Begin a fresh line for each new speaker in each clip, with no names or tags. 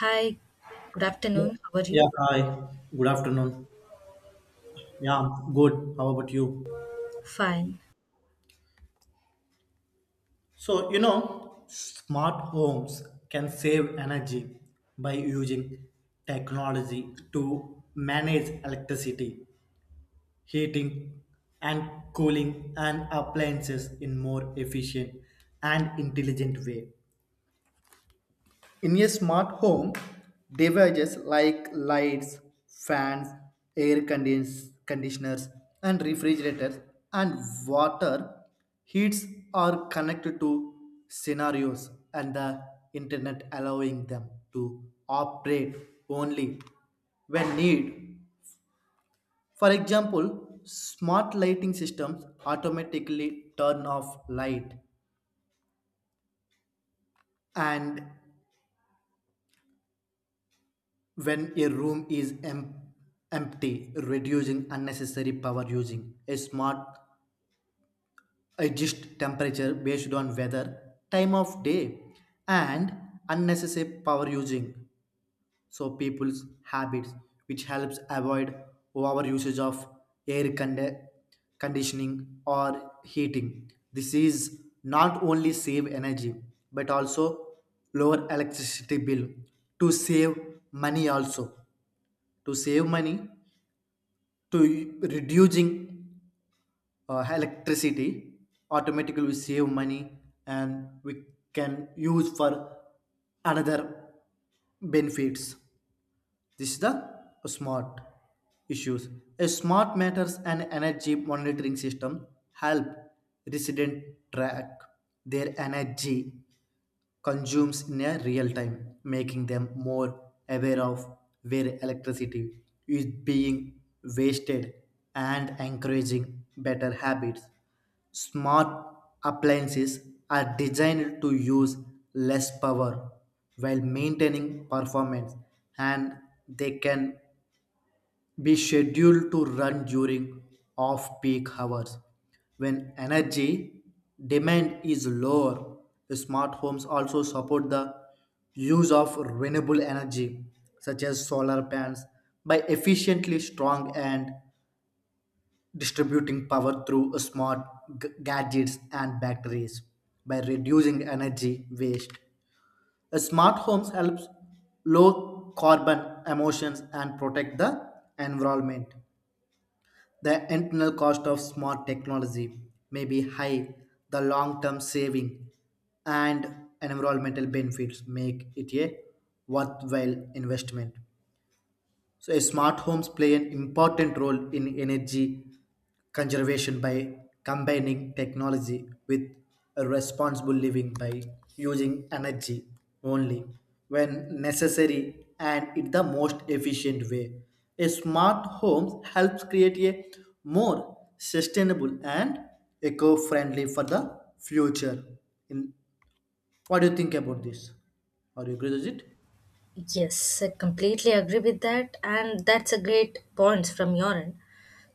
Hi, good
Yeah.
afternoon. How are
Yeah,
you?
hi. Good afternoon. Yeah, I'm good. How about you?
Fine.
So, you know, smart homes can save energy by using technology to manage electricity, heating, and cooling and appliances in more efficient and intelligent way. In a smart home, devices like lights, fans, conditioners, and refrigerators and water heats are connected to scenarios and the internet, allowing them to operate only when need. For example, smart lighting systems automatically turn off light and when a room is empty, reducing unnecessary power using a smart adjust temperature based on weather, time of day, and unnecessary power using so people's habits, which helps avoid over usage of air condi- conditioning or heating. This is not only save energy but also lower electricity bill to save money, also to save money, to reducing electricity automatically. We save money and we can use for another benefits. This is the smart issues. A smart meters and energy monitoring system help resident track their energy consumes in a real time, making them more aware of where electricity is being wasted and encouraging better habits. Smart appliances are designed to use less power while maintaining performance, and they can be scheduled to run during off peak hours when energy demand is lower. Smart homes also support the use of renewable energy such as solar panels by efficiently strong and distributing power through smart gadgets and batteries. By reducing energy waste, smart homes helps low carbon emissions and protect the environment. The internal cost of smart technology may be high, the long term saving and environmental benefits make it a worthwhile investment. So, a smart homes play an important role in energy conservation by combining technology with a responsible living, by using energy only when necessary and in the most efficient way. A smart home helps create a more sustainable and eco-friendly for the future. In what do you think about this? Are you agree with it?
Yes, I completely agree with that, and that's a great point from your end.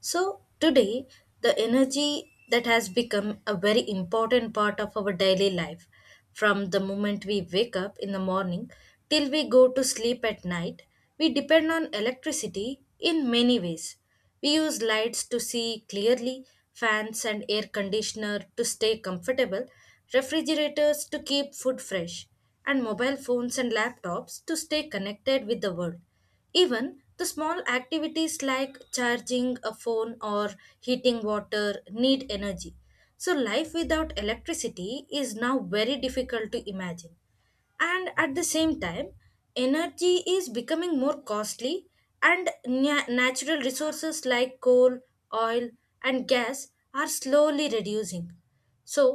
So, today, the energy that has become a very important part of our daily life, from the moment we wake up in the morning till we go to sleep at night, we depend on electricity in many ways. We use lights to see clearly, fans and air conditioner to stay comfortable, refrigerators to keep food fresh, and mobile phones and laptops to stay connected with the world. Even the small activities like charging a phone or heating water need energy. So, life without electricity is now very difficult to imagine, and at the same time, energy is becoming more costly, and natural resources like coal, oil, and gas are slowly reducing. So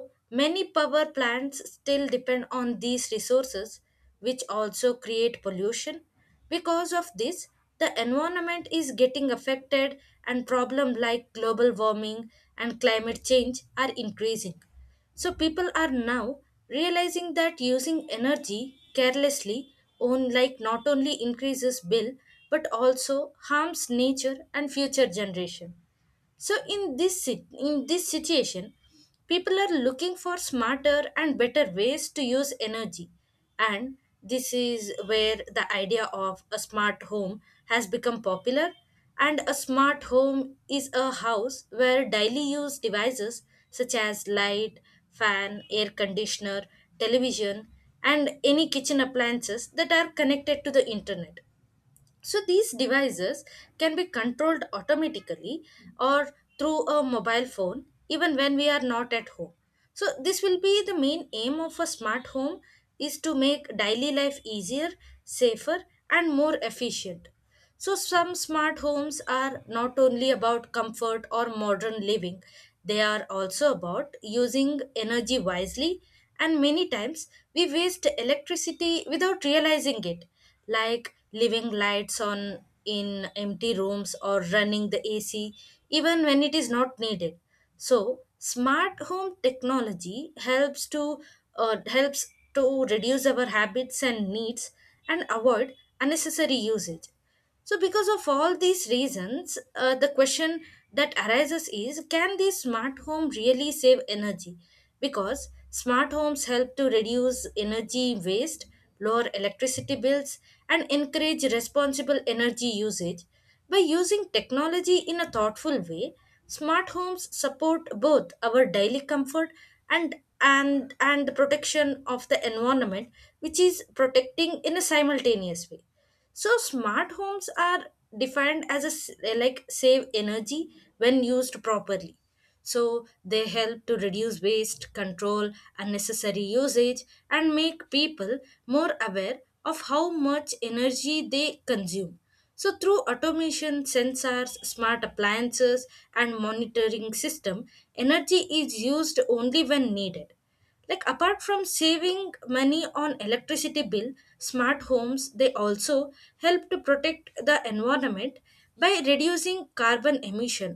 many power plants still depend on these resources, which also create pollution. Because of this, the environment is getting affected, and problems like global warming and climate change are increasing. So people are now realizing that using energy carelessly on like not only increases bill but also harms nature and future generation. So in in this situation, people are looking for smarter and better ways to use energy, and this is where the idea of a smart home has become popular. And a smart home is a house where daily use devices such as light, fan, air conditioner, television, and any kitchen appliances that are connected to the internet, so these devices can be controlled automatically or through a mobile phone even when we are not at home. So this will be the main aim of a smart home is to make daily life easier, safer, and more efficient. So, some smart homes are not only about comfort or modern living, they are also about using energy wisely. And many times we waste electricity without realizing it, like leaving lights on in empty rooms or running the AC even when it is not needed. So, smart home technology helps uh, helps to reduce our habits and needs and avoid unnecessary usage. So, because of all these reasons, the question that arises is, can these smart home really save energy? Because smart homes help to reduce energy waste, lower electricity bills, and encourage responsible energy usage. By using technology in a thoughtful way, smart homes support both our daily comfort and the protection of the environment, which is protecting in a simultaneous way. So smart homes are defined as like save energy when used properly. So they help to reduce waste, control unnecessary usage, and make people more aware of how much energy they consume. So through automation, sensors, smart appliances, and monitoring system, energy is used only when needed, like apart from saving money on electricity bill, smart homes they also help to protect the environment by reducing carbon emission.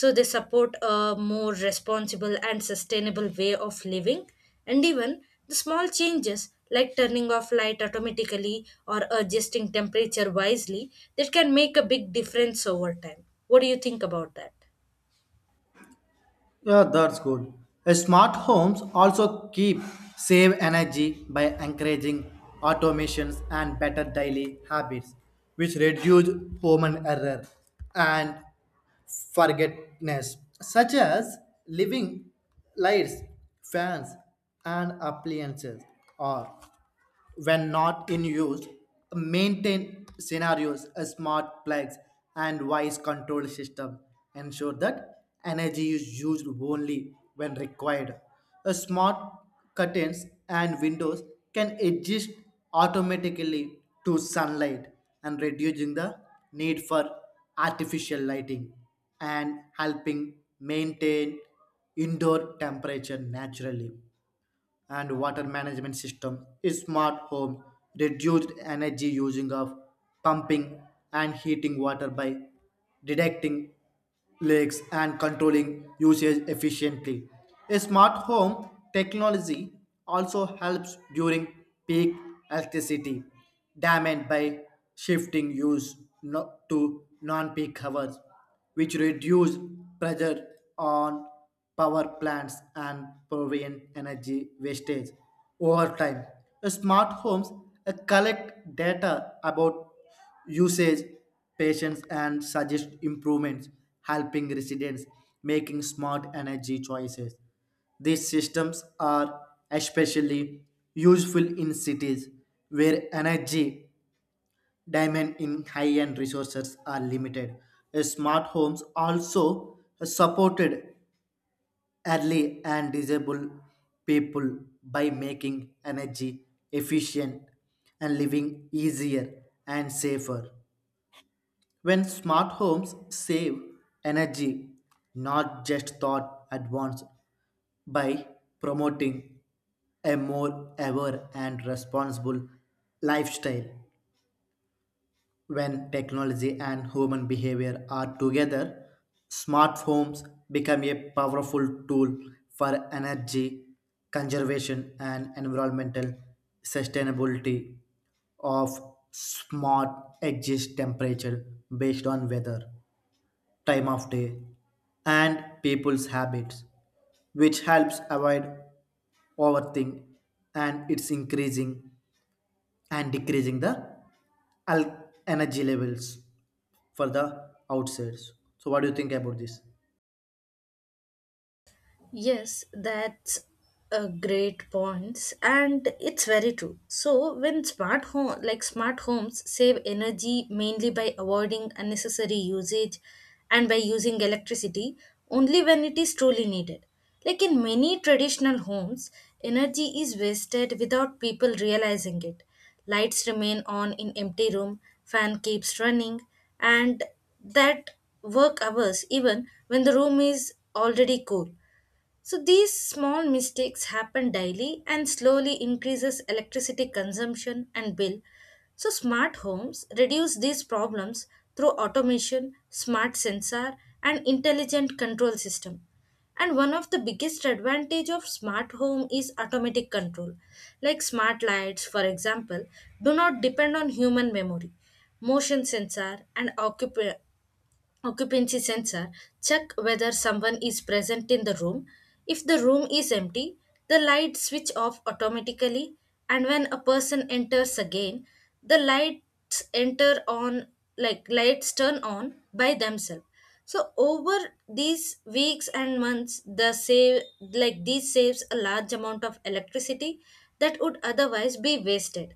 So they support a more responsible and sustainable way of living, and even the small changes like turning off light automatically or adjusting temperature wisely, that can make a big difference over time. What do you think about that?
Yeah, that's good. Smart homes also keep save energy by encouraging automations and better daily habits, which reduce human error and forgetfulness, such as living lights, fans, and appliances, or when not in use, maintain scenarios, a smart plugs, and wise control system. Ensure that energy is used only when required. A smart curtains and windows can adjust automatically to sunlight and reducing the need for artificial lighting and helping maintain indoor temperature naturally, and water management system, smart home, reduced energy using of pumping and heating water by detecting leaks and controlling usage efficiently. A smart home technology also helps during peak electricity demand by shifting use to non-peak hours, which reduce pressure on power plants and prevent energy wastage over time. Smart homes collect data about usage, patients, and suggest improvements, helping residents making smart energy choices. These systems are especially useful in cities where energy demand in high-end resources are limited. Smart homes also supported early and disabled people by making energy efficient and living easier and safer. When smart homes save energy, not just thought advanced by promoting a more aware and responsible lifestyle. When technology and human behavior are together, smart homes become a powerful tool for energy conservation and environmental sustainability of smart exist temperature based on weather, time of day, and people's habits, which helps avoid overthink and it's increasing and decreasing the energy levels for the outsides. So what do you think about this?
Yes, that's a great point, and it's very true. So when smart home like smart homes save energy mainly by avoiding unnecessary usage and by using electricity only when it is truly needed. Like in many traditional homes, energy is wasted without people realizing it. Lights remain on in empty room, fan keeps running, and that work hours even when the room is already cool. So these small mistakes happen daily and slowly increases electricity consumption and bill. So smart homes reduce these problems through automation, smart sensor, and intelligent control system. And one of the biggest advantage of smart home is automatic control. Like smart lights, for example, do not depend on human memory. Motion sensor and occupancy sensor check whether someone is present in the room. If the room is empty, the light switch off automatically, and when a person enters again, the lights enter on like lights turn on by themselves. So over these weeks and months, the save like this saves a large amount of electricity that would otherwise be wasted.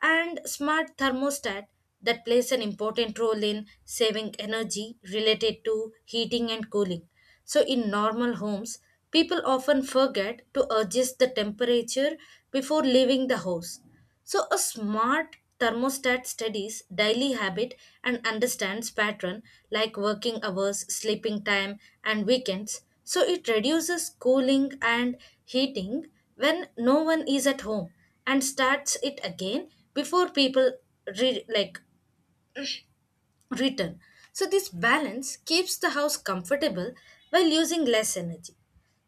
And smart thermostat that plays an important role in saving energy related to heating and cooling. So, in normal homes, people often forget to adjust the temperature before leaving the house. So, a smart thermostat studies daily habit and understands pattern like working hours, sleeping time, and weekends. So, it reduces cooling and heating when no one is at home and starts it again before people like return. So this balance keeps the house comfortable while using less energy.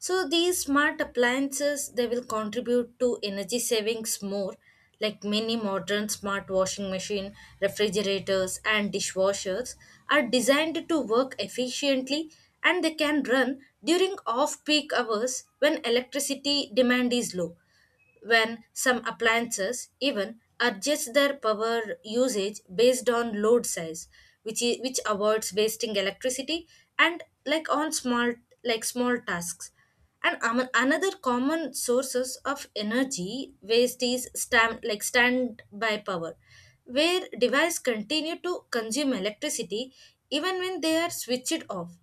So these smart appliances they will contribute to energy savings more, like many modern smart washing machine, refrigerators, and dishwashers are designed to work efficiently, and they can run during off peak hours when electricity demand is low. When some appliances even adjust their power usage based on load size, which avoids wasting electricity and like on small like small tasks. And another common sources of energy waste is like standby power, where devices continue to consume electricity even when they are switched off.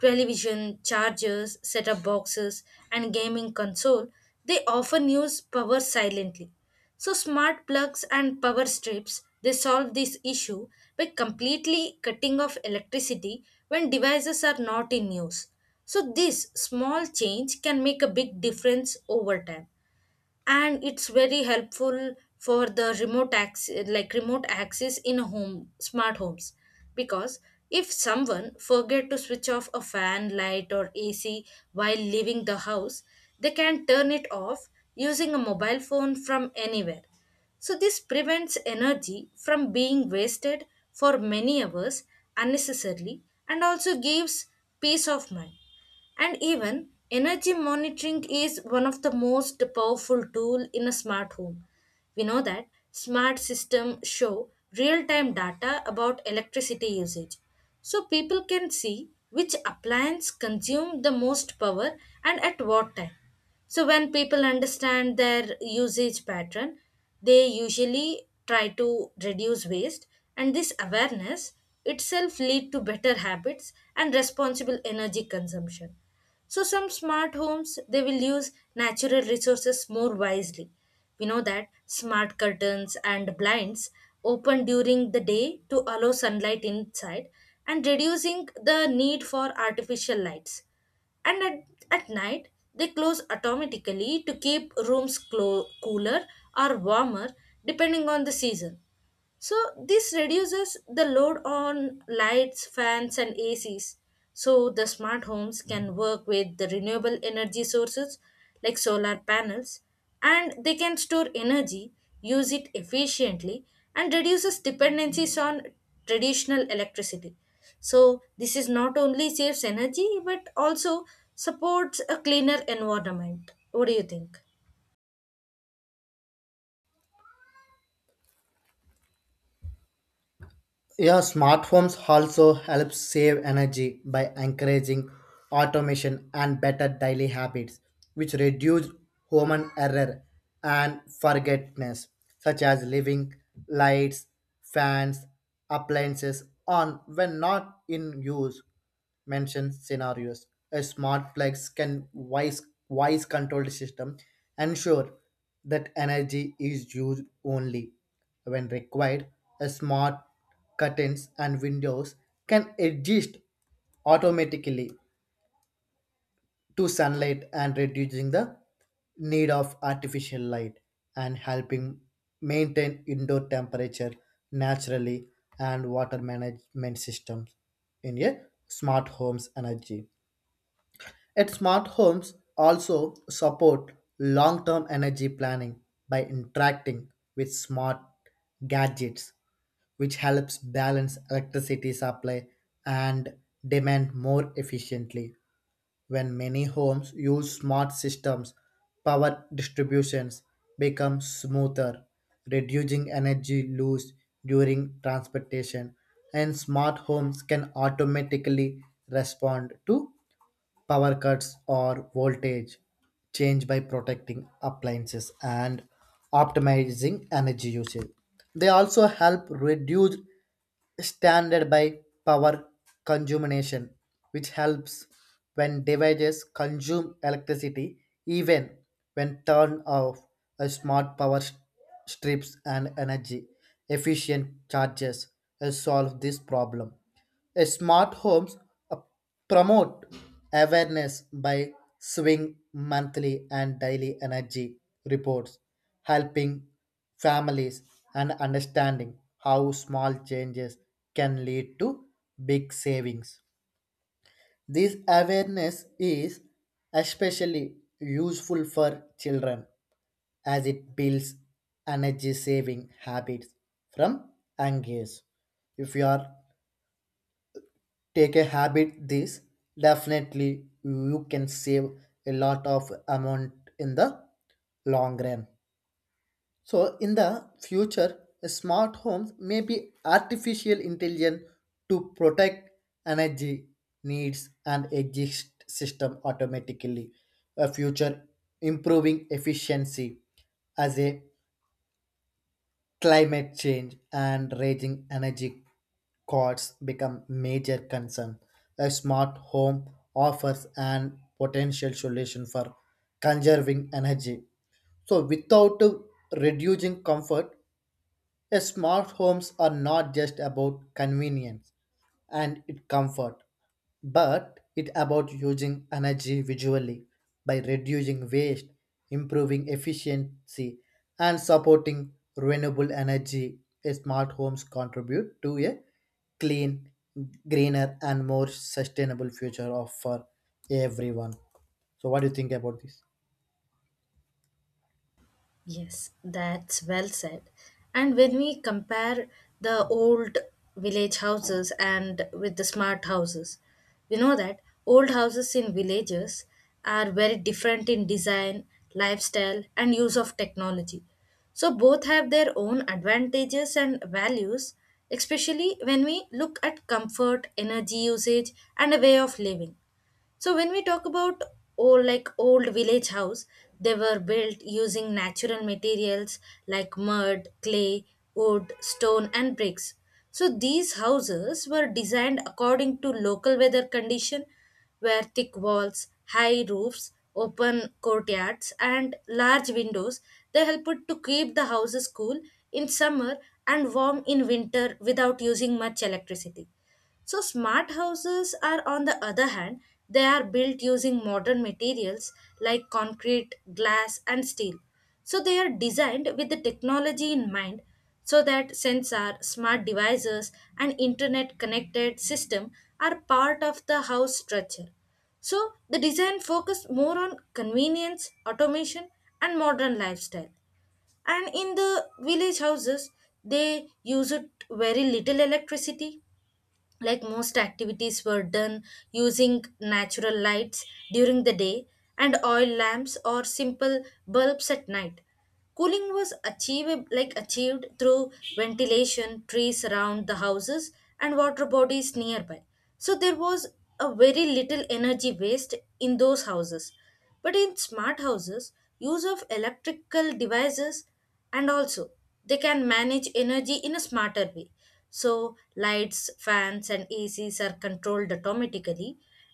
Television, chargers, set up boxes, and gaming console, they often use power silently. So, smart plugs and power strips they solve this issue by completely cutting off electricity when devices are not in use. So, this small change can make a big difference over time, and it's very helpful for the remote access like remote access in home smart homes, because if someone forget to switch off a fan light or ac while leaving the house, they can turn it off using a mobile phone from anywhere. So this prevents energy from being wasted for many hours unnecessarily, and also gives peace of mind. And even energy monitoring is one of the most powerful tool in a smart home. We know that smart systems show real-time data about electricity usage. So people can see which appliance consume the most power and at what time. So when people understand their usage pattern, they usually try to reduce waste, and this awareness itself lead to better habits and responsible energy consumption. So some smart homes they will use natural resources more wisely. We know that smart curtains and blinds open during the day to allow sunlight inside and reducing the need for artificial lights, and at night they close automatically to keep rooms cooler or warmer depending on the season. So this reduces the load on lights, fans, and ACs. So the smart homes can work with the renewable energy sources like solar panels, and they can store energy, use it efficiently, and reduces dependencies on traditional electricity. So this is not only saves energy but also supports a cleaner environment. What do you think?
Yeah, smart homes also help save energy by encouraging automation and better daily habits, which reduce human error and forgetfulness, such as leaving lights, fans, appliances on when not in use, mention scenarios. A smart flex can wise controlled system ensure that energy is used only when required. A smart curtains and windows can adjust automatically to sunlight and reducing the need of artificial light and helping maintain indoor temperature naturally, and water management systems in a smart homes energy. Yet smart homes also support long-term energy planning by interacting with smart gadgets, which helps balance electricity supply and demand more efficiently. When many homes use smart systems, power distributions become smoother, reducing energy loss during transportation, and smart homes can automatically respond to power cuts or voltage change by protecting appliances and optimizing energy usage. They also help reduce standard by power consumption, which helps when devices consume electricity even when turned off. A smart strips and energy efficient charges solve this problem. A smart homes promote awareness by swing monthly and daily energy reports, helping families and understanding how small changes can lead to big savings. This awareness is especially useful for children as it builds energy saving habits from young age. If you are take a habit, this definitely you can save a lot of amount in the long run. So in the future, smart homes may be artificial intelligence to protect energy needs and exist system automatically, a future improving efficiency as a climate change and raging energy costs become major concern. A smart home offers an potential solution for conserving energy. So without reducing comfort, smart homes are not just about convenience and it comfort, but it about using energy visually by reducing waste, improving efficiency, and supporting renewable energy. Smart homes contribute to a clean, greener, and more sustainable future of for everyone. So, what do you think about this?
Yes, that's well said. And when we compare the old village houses and with the smart houses, we know that old houses in villages are very different in design, lifestyle, and use of technology. So both have their own advantages and values, especially when we look at comfort, energy usage, and a way of living. So when we talk about old like old village house, they were built using natural materials like mud, clay, wood, stone, and bricks. So these houses were designed according to local weather condition, where thick walls, high roofs, open courtyards, and large windows, they helped to keep the houses cool in summer and warm in winter without using much electricity. So, smart houses are, on the other hand, they are built using modern materials like concrete, glass, and steel. So, they are designed with the technology in mind, so that sensor, smart devices, and internet connected system are part of the house structure. So, the design focus more on convenience, automation, and modern lifestyle. And in the village houses, they use it very little electricity, like most activities were done using natural lights during the day and oil lamps or simple bulbs at night. Cooling was achieved like achieved through ventilation, trees around the houses, and water bodies nearby. So there was a very little energy waste in those houses, but in smart houses, use of electrical devices and also they can manage energy in a smarter way. So lights, fans, and acs are controlled automatically,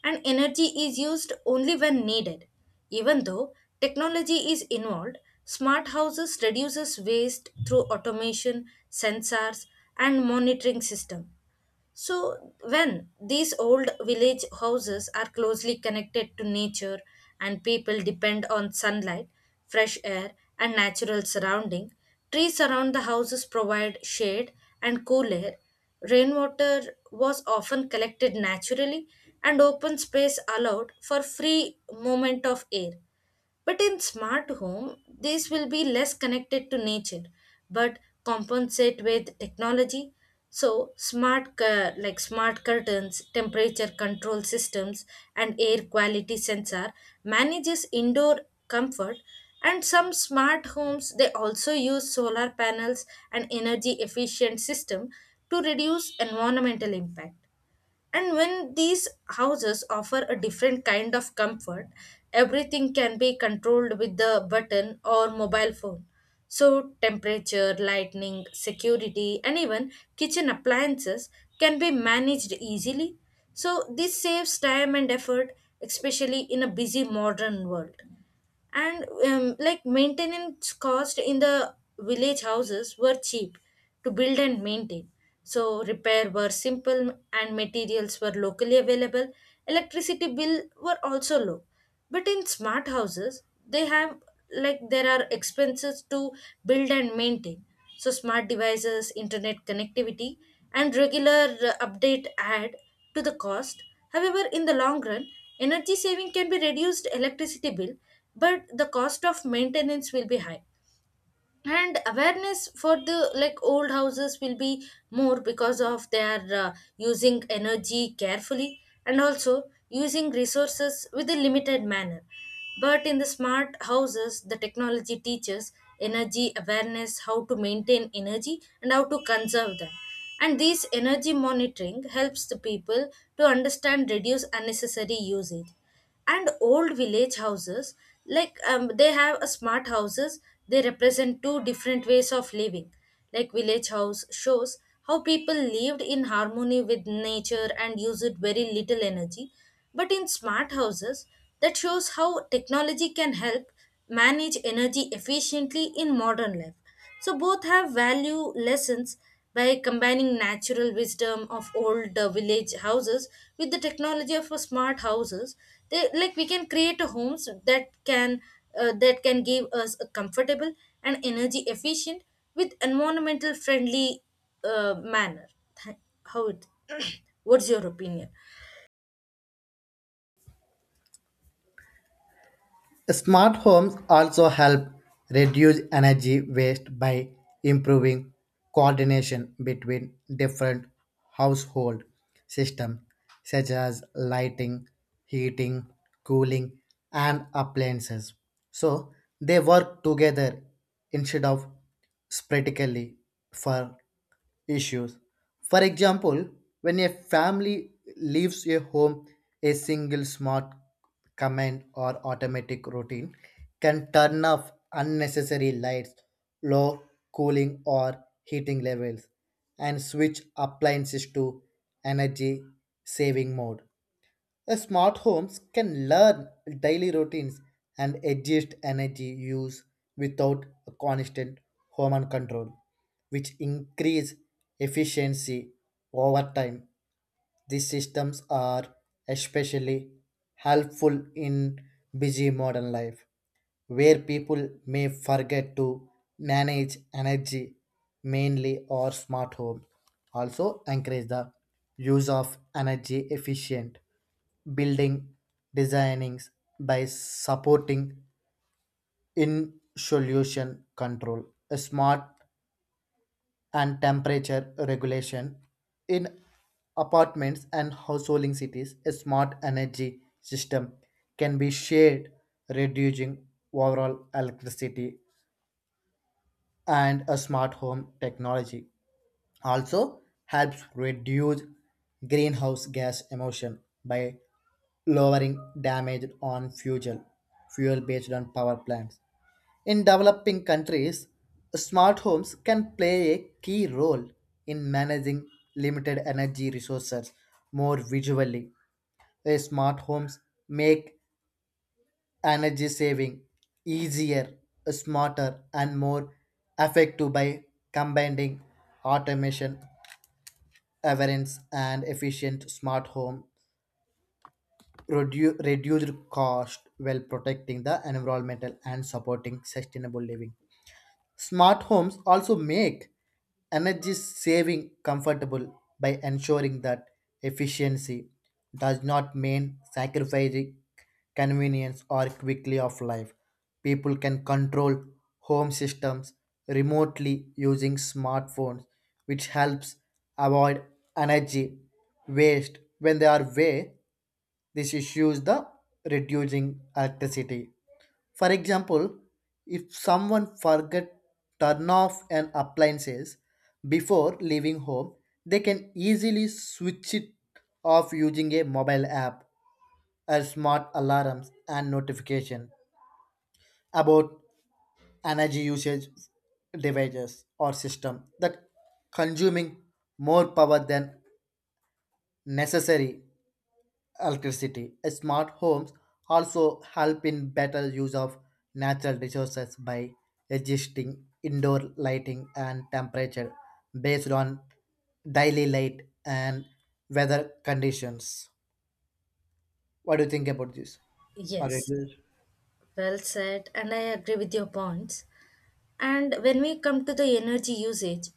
and energy is used only when needed. Even though technology is involved, smart houses reduces waste through automation, sensors, and monitoring system. So, when these old village houses are closely connected to nature and people depend on sunlight, fresh air, and natural surrounding, trees around the houses provide shade and cool air. Rainwater was often collected naturally, and open space allowed for free movement of air. But in smart home, these will be less connected to nature, but compensate with technology. So like smart curtains, temperature control systems, and air quality sensor manages indoor comfort. And some smart homes they also use solar panels and energy efficient system to reduce environmental impact. And when these houses offer a different kind of comfort, everything can be controlled with the button or mobile phone. So temperature, lighting, security, and even kitchen appliances can be managed easily. So this saves time and effort, especially in a busy modern world. And like, maintenance cost in the village houses were cheap to build and maintain, so repair were simple and materials were locally available. Electricity bill were also low, but in smart houses they have, like, there are expenses to build and maintain. So smart devices, internet connectivity, and regular update add to the cost. However, in the long run, energy saving can be reduced electricity bill, but the cost of maintenance will be high. And awareness for the, like, old houses will be more because of their using energy carefully and also using resources with a limited manner. But in the smart houses, the technology teaches energy awareness, how to maintain energy and how to conserve them, and this energy monitoring helps the people to understand reduce unnecessary usage. And old village houses, like they have a smart houses, they represent two different ways of living. Like village house shows how people lived in harmony with nature and used very little energy, but in smart houses, that shows how technology can help manage energy efficiently in modern life. So both have value lessons by combining natural wisdom of old village houses with the technology of smart houses. They, like, we can create a homes that can give us a comfortable and energy efficient with environmental friendly manner. Th- How it? What's your opinion?
Smart homes also help reduce energy waste by improving coordination between different household systems such as lighting, heating, cooling, and appliances. So they work together instead of sporadically for issues. For example, when a family leaves a home, a single smart command or automatic routine can turn off unnecessary lights, low cooling or heating levels, and switch appliances to energy saving mode. A smart homes can learn daily routines and adjust energy use without a constant human control, which increase efficiency over time. These systems are especially helpful in busy modern life where people may forget to manage energy mainly, or smart home also encourage the use of energy efficient building designings by supporting in solution control, a smart and temperature regulation in apartments and householding cities. A smart energy system can be shared, reducing overall electricity, and a smart home technology also helps reduce greenhouse gas emission by lowering damage on fuel based on power plants. In developing countries, smart homes can play a key role in managing limited energy resources more visually. A smart homes make energy saving easier, smarter, and more effective by combining automation, awareness, and efficient smart home. Reduced cost while protecting the environmental and supporting sustainable living. Smart homes also make energy saving comfortable by ensuring that efficiency does not mean sacrificing convenience or quickly of life. People can control home systems remotely using smartphones, which helps avoid energy waste when they are way. This issues the reducing electricity. For example, if someone forget turn off an appliances before leaving home, they can easily switch it off using a mobile app or smart alarms and notification about energy usage devices or system that consuming more power than necessary electricity. Smart homes also help in better use of natural resources by adjusting indoor lighting and temperature based on daily light and weather conditions. What do you think about this? Alright.
Yes, well said, and I agree with your points. And when we come to the energy usage,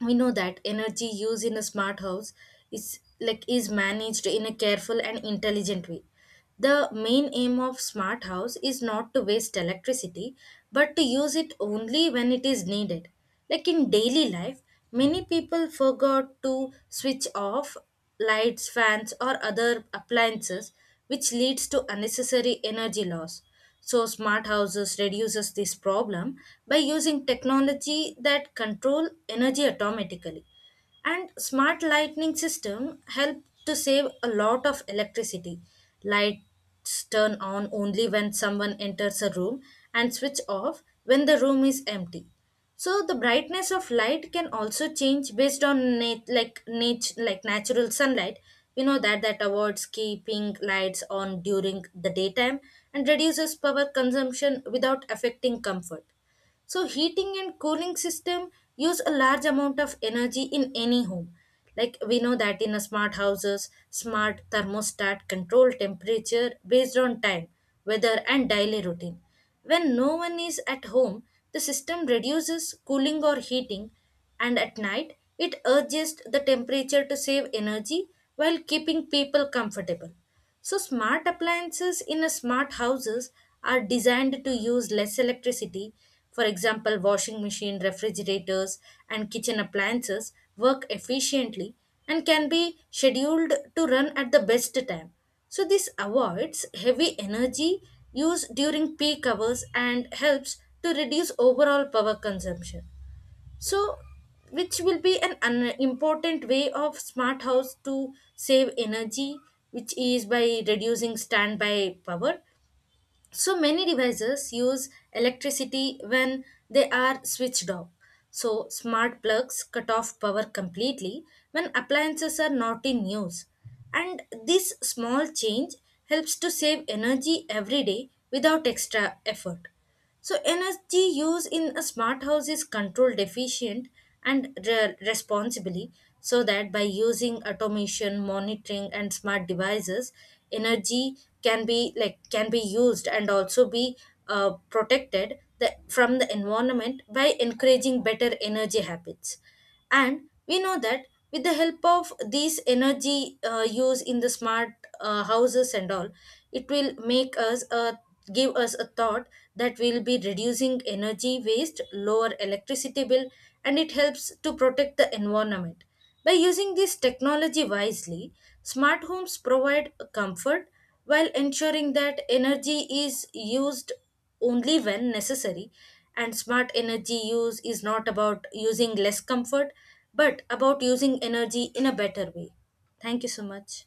we know that energy used in a smart house is, like, is managed in a careful and intelligent way. The main aim of smart house is not to waste electricity, but to use it only when it is needed. Like in daily life, many people forgot to switch off lights, fans, or other appliances, which leads to unnecessary energy loss. So smart houses reduces this problem by using technology that control energy automatically. And smart lighting system help to save a lot of electricity. Lights turn on only when someone enters a room and switch off when the room is empty. So the brightness of light can also change based on natural sunlight. We know that that avoids keeping lights on during the daytime and reduces power consumption without affecting comfort. So heating and cooling system use a large amount of energy in any home. Like, we know that in a smart houses, smart thermostat control temperature based on time, weather, and daily routine. When no one is at home, the system reduces cooling or heating, and at night it adjusts the temperature to save energy while keeping people comfortable. So smart appliances in a smart houses are designed to use less electricity. For example, washing machine, refrigerators, and kitchen appliances work efficiently and can be scheduled to run at the best time. So this avoids heavy energy use during peak hours and helps to reduce overall power consumption. So which will be an important way of smart house to save energy, which is by reducing standby power. So many devices use electricity when they are switched off, so smart plugs cut off power completely when appliances are not in use, and this small change helps to save energy every day without extra effort. So energy use in a smart house is controlled efficient and responsibly, so that by using automation monitoring and smart devices, energy can be, like, can be used and also be protected from the environment by encouraging better energy habits. And we know that with the help of these energy use in the smart houses and all, it will make us give us a thought that we'll be reducing energy waste, lower electricity bill, and it helps to protect the environment. By using this technology wisely, smart homes provide comfort while ensuring that energy is used only when necessary. And smart energy use is not about using less comfort, but about using energy in a better way. Thank you so much.